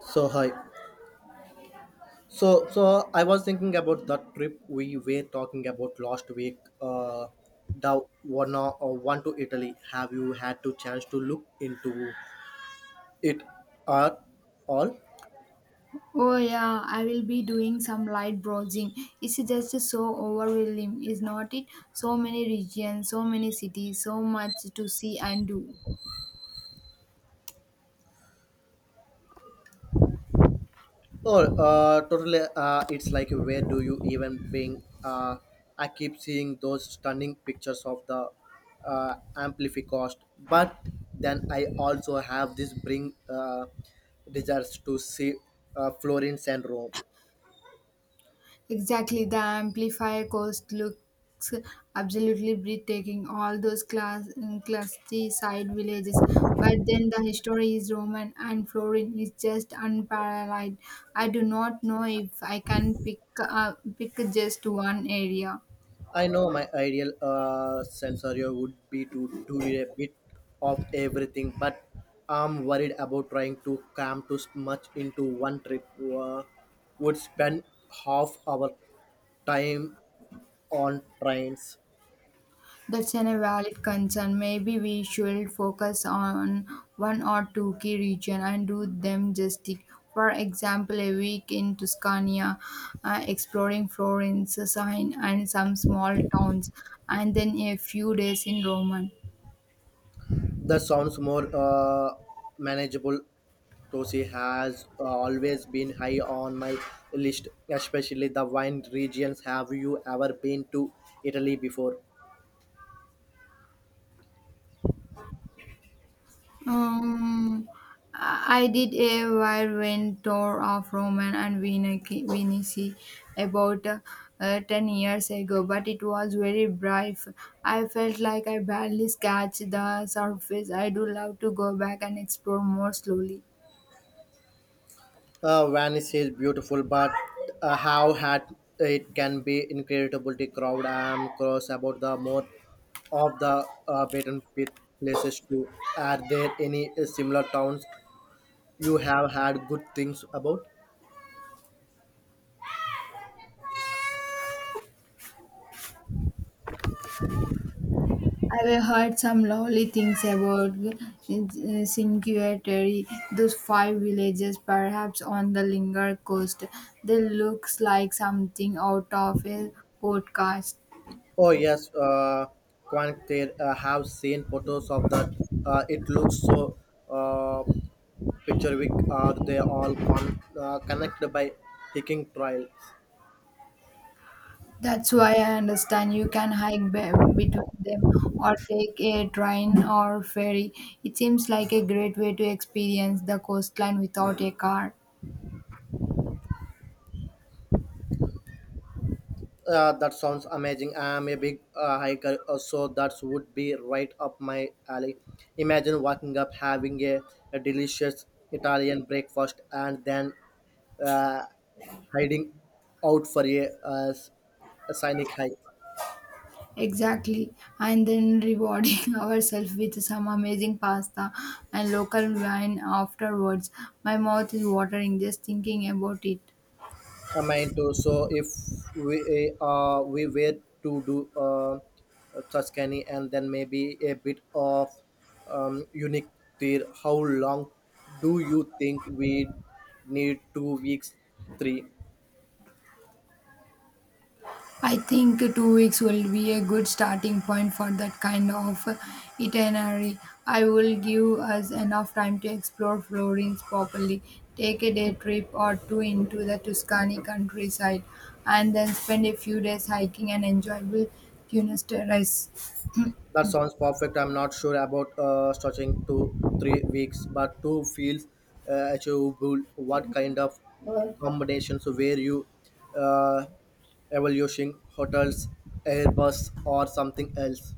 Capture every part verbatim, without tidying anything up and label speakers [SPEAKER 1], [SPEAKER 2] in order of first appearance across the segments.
[SPEAKER 1] So hi. So so I was thinking about that trip we were talking about last week. Uh, the one or one to Italy. Have you had to chance to look into it at all?
[SPEAKER 2] Oh yeah, I will be doing some light browsing. It's just so overwhelming, is not it? So many regions, so many cities, so much to see and do.
[SPEAKER 1] Oh, uh, totally. Uh, it's like where do you even bring? Uh, I keep seeing those stunning pictures of the uh, amplificost, but then I also have this bring uh, desires to see uh, Florence and Rome.
[SPEAKER 2] Exactly, the amplifier coast looks absolutely breathtaking. All those class classy side villages, but then the history is Roman and Florin is just unparalleled. I do not know if I can pick uh, pick just one area.
[SPEAKER 1] I know my ideal uh, scenario would be to do a bit of everything, but I'm worried about trying to cram too much into one trip. Uh, would spend half our time on trains.
[SPEAKER 2] That's an a valid concern. Maybe we should focus on one or two key region and do them justice. For example, a week in Tuscania, uh, exploring Florence, Sicily, and some small towns, and then a few days in Rome.
[SPEAKER 1] That sounds more uh, manageable. Tosi has always been high on my list, especially the wine regions. Have you ever been to Italy before?
[SPEAKER 2] Um, I did a whirlwind tour of Rome and Venice, Venice about uh, uh, ten years ago, but it was very brief. I felt like I barely scratched the surface. I do love to go back and explore more slowly.
[SPEAKER 1] Uh, Venice is beautiful, but uh, how had it can be incredibly crowded. I am curious about the more of the uh, beaten p- places too. Are there any uh, similar towns you have had good things about?
[SPEAKER 2] I've heard some lovely things about uh, Cinque Terre, those five villages perhaps on the Linger coast. They looks like something out of a podcast.
[SPEAKER 1] Oh yes, uh, Quantere, uh, have seen photos of that. Uh, it looks so uh, picturesque. Are they all con- uh, connected by hiking trails?
[SPEAKER 2] That's why I understand you can hike be- between them or take a train or ferry. It seems like a great way to experience the coastline without a car.
[SPEAKER 1] Uh, that sounds amazing. I'm a big uh, hiker, uh, so that would be right up my alley. Imagine waking up having a, a delicious Italian breakfast and then uh, hiding out for a, uh, s- a scenic hike.
[SPEAKER 2] Exactly. And then rewarding ourselves with some amazing pasta and local wine afterwards. My mouth is watering just thinking about it.
[SPEAKER 1] I might do so if we eh, uh, we were to do uh, Tuscany and then maybe a bit of um, unique tier. How long do you think we need? Two weeks, three.
[SPEAKER 2] I think two weeks will be a good starting point for that kind of itinerary. I will give us enough time to explore Florence properly, take a day trip or two into the Tuscany countryside, and then spend a few days hiking and enjoyable Tunis terrace.
[SPEAKER 1] That sounds perfect. I'm not sure about uh, stretching to three weeks, but two feels uh, achievable. What kind of combinations were you uh, evaluating? Hotels, Airbus, or something else?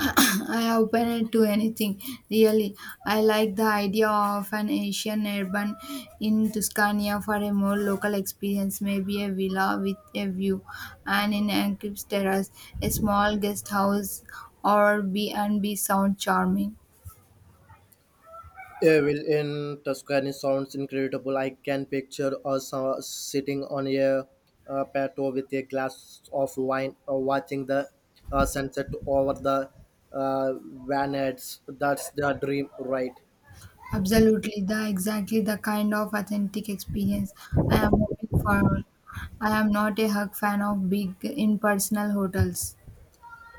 [SPEAKER 2] I open it to anything, really. I like the idea of an Asian urban in Tuscania for a more local experience, maybe a villa with a view, and in Ancrips Terrace, a small guest house or B and B sound charming.
[SPEAKER 1] Evil in Tuscany sounds incredible. I can picture us uh, sitting on a uh, patio with a glass of wine, uh, watching the uh, sunset over the uh, vineyards. That's the dream, right?
[SPEAKER 2] Absolutely, the exactly the kind of authentic experience I am hoping for. I am not a hug fan of big impersonal hotels.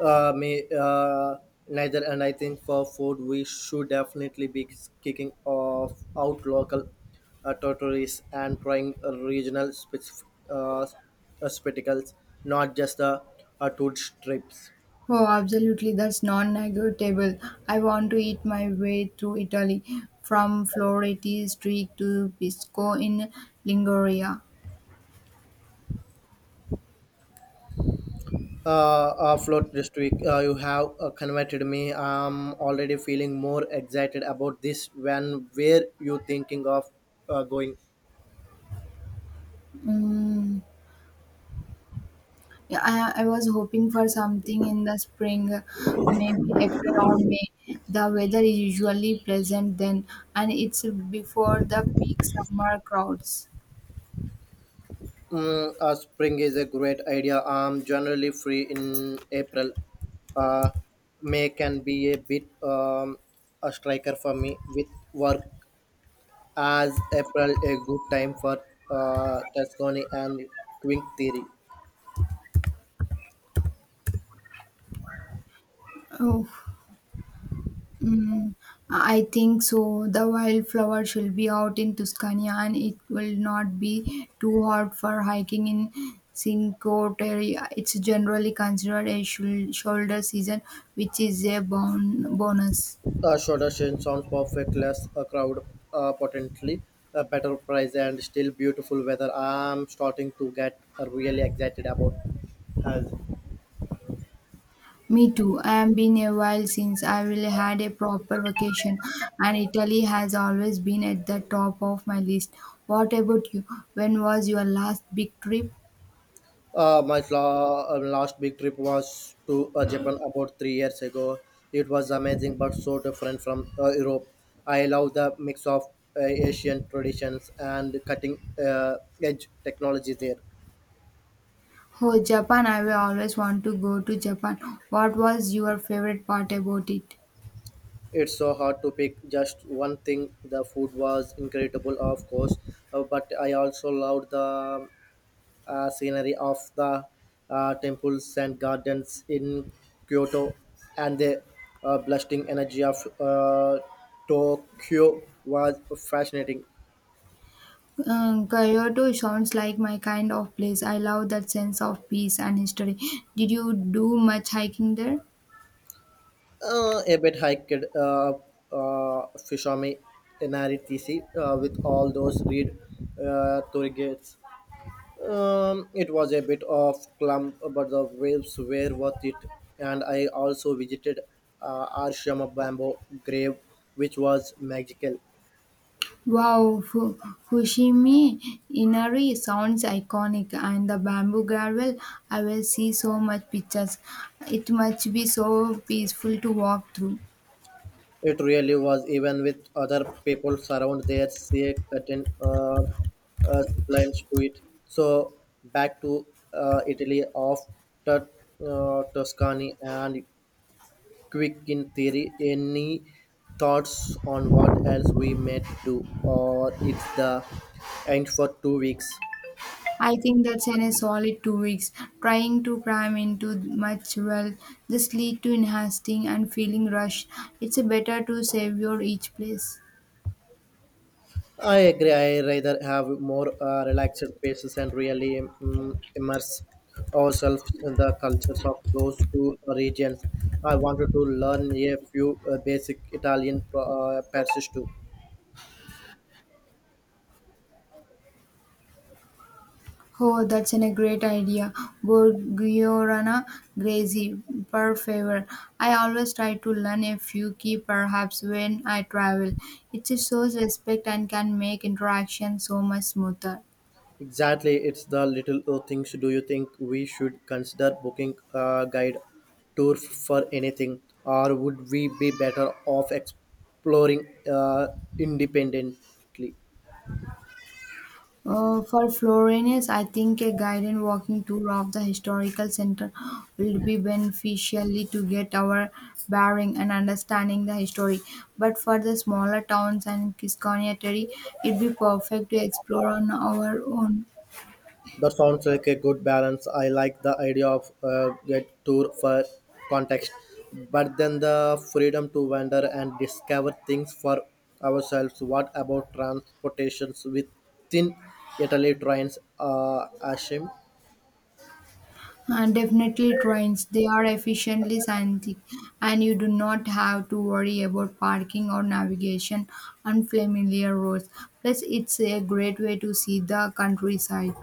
[SPEAKER 1] Uh, me uh, neither, and I think for food we should definitely be kicking off out local uh, territories and trying regional specific uh, uh, spectacles, not just the uh, tourist trips.
[SPEAKER 2] Oh, absolutely, that's non negotiable. I want to eat my way through Italy from Floreti Street to Pisco in Lingoria.
[SPEAKER 1] uh, uh, float district uh, you have uh, converted me. I'm already feeling more excited about this. When where you thinking of uh, going?
[SPEAKER 2] Mm. Yeah, I, I was hoping for something in the spring, maybe April or May. The weather is usually pleasant then, and it's before the peak summer crowds.
[SPEAKER 1] Mm, uh, spring is a great idea. I'm generally free in April, uh, may can be a bit um, a striker for me with work. As April a good time for uh, Tuscany and quink theory?
[SPEAKER 2] Oh. Mm, I think so. The wildflowers will be out in Tuscany and it will not be too hot for hiking in Cinque Terre. It's generally considered a shul- shoulder season, which is a bon- bonus.
[SPEAKER 1] A shorter chain sounds perfect, less a crowd, uh, potentially a better price, and still beautiful weather. I'm starting to get uh, really excited about health.
[SPEAKER 2] Me too. I have been a while since I really had a proper vacation, and Italy has always been at the top of my list. What about you? When was your last big trip?
[SPEAKER 1] Uh, my la- uh, last big trip was to uh, Japan about three years ago. It was amazing, but so different from uh, Europe. I love the mix of uh, Asian traditions and cutting uh, edge technology there.
[SPEAKER 2] Oh, Japan, I will always want to go to Japan. What was your favorite part about it?
[SPEAKER 1] It's so hard to pick just one thing. The food was incredible, of course, uh, but I also loved the uh, scenery of the uh, temples and gardens in Kyoto and the uh, blasting energy of uh, Tokyo was fascinating.
[SPEAKER 2] Um, Kyoto sounds like my kind of place. I love that sense of peace and history. Did you do much hiking there?
[SPEAKER 1] Uh, a bit hiked uh, uh, Fishomi in R T C uh, with all those read uh, tourgates. Um, it was a bit of clump, but the waves were worth it. And I also visited uh, Arshama Bamboo Grave, which was magical.
[SPEAKER 2] Wow, Fu- Fushimi Inari sounds iconic, and the bamboo gravel. I will see so much pictures. It must be so peaceful to walk through.
[SPEAKER 1] It really was, even with other people around there, see cutting uh, uh, lines to it. So back to uh, Italy of Tus- uh, Tuscany and quick in theory. Any thoughts on what else we might do, or it's the end for two weeks?
[SPEAKER 2] I think that's in a solid two weeks. Trying to cram into much will just lead to enhancing and feeling rushed. It's better to savor each place.
[SPEAKER 1] I agree. I rather have more uh, relaxed spaces and really um, immerse ourselves in the cultures of those two regions. I wanted to learn a few uh, basic Italian uh, passages too.
[SPEAKER 2] Oh, that's an, a great idea. Borgiorana Grazi, per favor. I always try to learn a few key perhaps when I travel. It shows respect and can make interaction so much smoother.
[SPEAKER 1] Exactly, it's the little uh, things. Do you think we should consider booking a guide tour for anything, or would we be better off exploring uh, independently?
[SPEAKER 2] Uh, for Florence, I think a guided walking tour of the historical center will be beneficially to get our bearing and understanding the history. But for the smaller towns and Kiscania territory, it'd be perfect to explore on our own.
[SPEAKER 1] That sounds like a good balance. I like the idea of uh, a guided tour for context, but then the freedom to wander and discover things for ourselves. What about transportations within Italy? Trains, uh, Ashim.
[SPEAKER 2] And definitely trains, they are efficiently scientific and you do not have to worry about parking or navigation on familiar roads. Plus, it's a great way to see the countryside.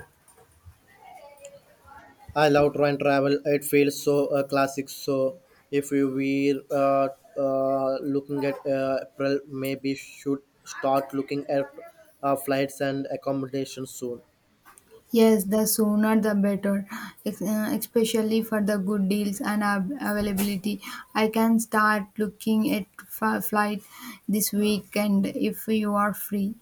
[SPEAKER 1] I love train travel. It feels so uh, classic. So if we were uh, uh, looking at uh, April, maybe should start looking at uh, flights and accommodations soon.
[SPEAKER 2] Yes, the sooner the better, ex- uh, especially for the good deals and av- availability. I can start looking at f- flight this weekend if you are free.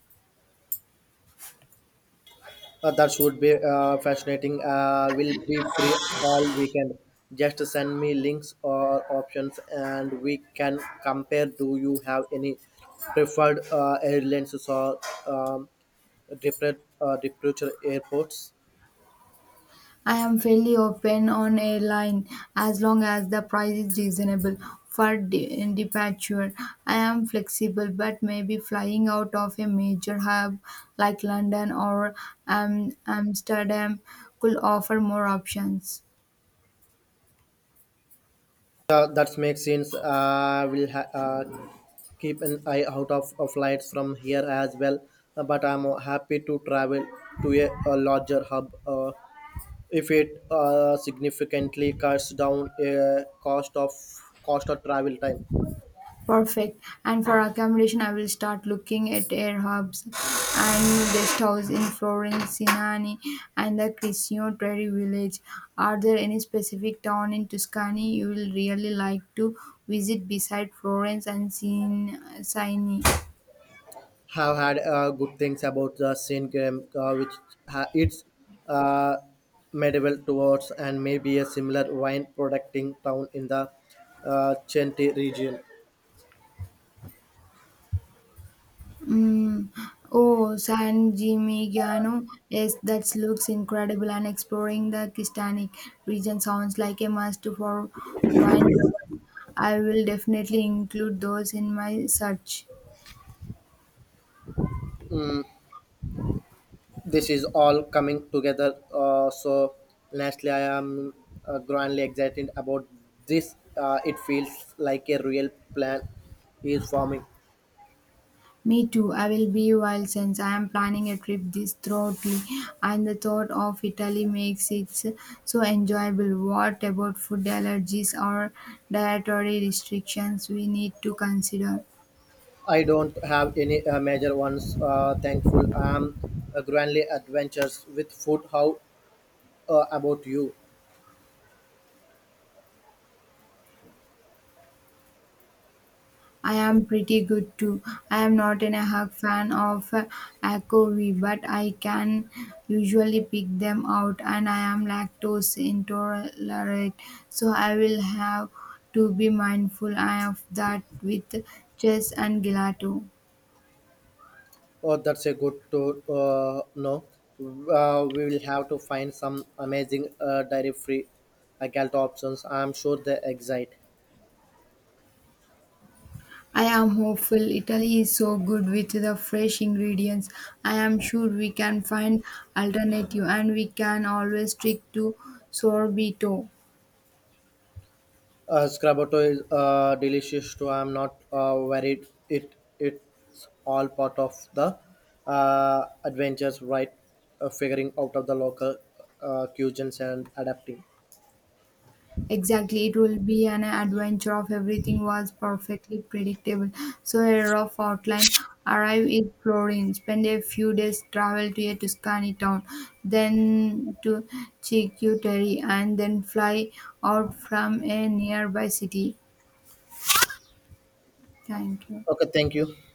[SPEAKER 1] uh, That should be uh, fascinating. Uh, will be free all weekend. Just send me links or options and we can compare. Do you have any preferred uh, airlines or um, departure uh, departure airports?
[SPEAKER 2] I am fairly open on airline as long as the price is reasonable for de- departure. I am flexible, but maybe flying out of a major hub like London or um, Amsterdam could offer more options.
[SPEAKER 1] Uh, that makes sense. Uh, we'll ha- uh, keep an eye out of, of flights from here as well. Uh, but I'm uh, happy to travel to a, a larger hub uh, if it uh, significantly cuts down uh, cost of cost of travel time.
[SPEAKER 2] Perfect. And for accommodation, I will start looking at air hubs and guest house in Florence, Sinani, and the Crisino Terry village. Are there any specific town in Tuscany you will really like to visit beside Florence and Sin- Sinai?
[SPEAKER 1] Have had uh, good things about the Saint Graham, uh, which ha- it's uh, medieval towards and maybe a similar wine producing town in the uh, Chianti region.
[SPEAKER 2] Mm. Oh, San Gimignano. Yes, that looks incredible, and exploring the Kistanic region sounds like a must for wine lovers. I will definitely include those in my search.
[SPEAKER 1] Mm. This is all coming together. Uh, so, lastly, I am uh, grandly excited about this. Uh, it feels like a real plan is forming.
[SPEAKER 2] Me too. I will be wild since I am planning a trip this shortly, and the thought of Italy makes it so enjoyable. What about food allergies or dietary restrictions we need to consider?
[SPEAKER 1] I don't have any uh, major ones. Uh, thankful, I am uh, grandly adventures with food. How uh, about you?
[SPEAKER 2] I am pretty good too. I am not an a hug fan of uh, A C O V, but I can usually pick them out, and I am lactose intolerant, so I will have to be mindful of that with chess and gelato.
[SPEAKER 1] Oh, that's a good to uh, know. Uh, we will have to find some amazing uh, dairy-free uh, galt options. I am sure they excite.
[SPEAKER 2] I am hopeful Italy is so good with the fresh ingredients. I am sure we can find alternative and we can always stick to sorbito.
[SPEAKER 1] Uh, Scrabotto is uh, delicious too. I'm not uh, worried. It it's all part of the uh, adventures, right? Uh, figuring out of the local uh, cuisines and adapting.
[SPEAKER 2] Exactly, it will be an adventure of everything was perfectly predictable. So a rough outline, arrive in Florence, spend a few days travel to a Tuscany town, then to Chiquiteri, and then fly out from a nearby city. Thank you.
[SPEAKER 1] Okay, thank you.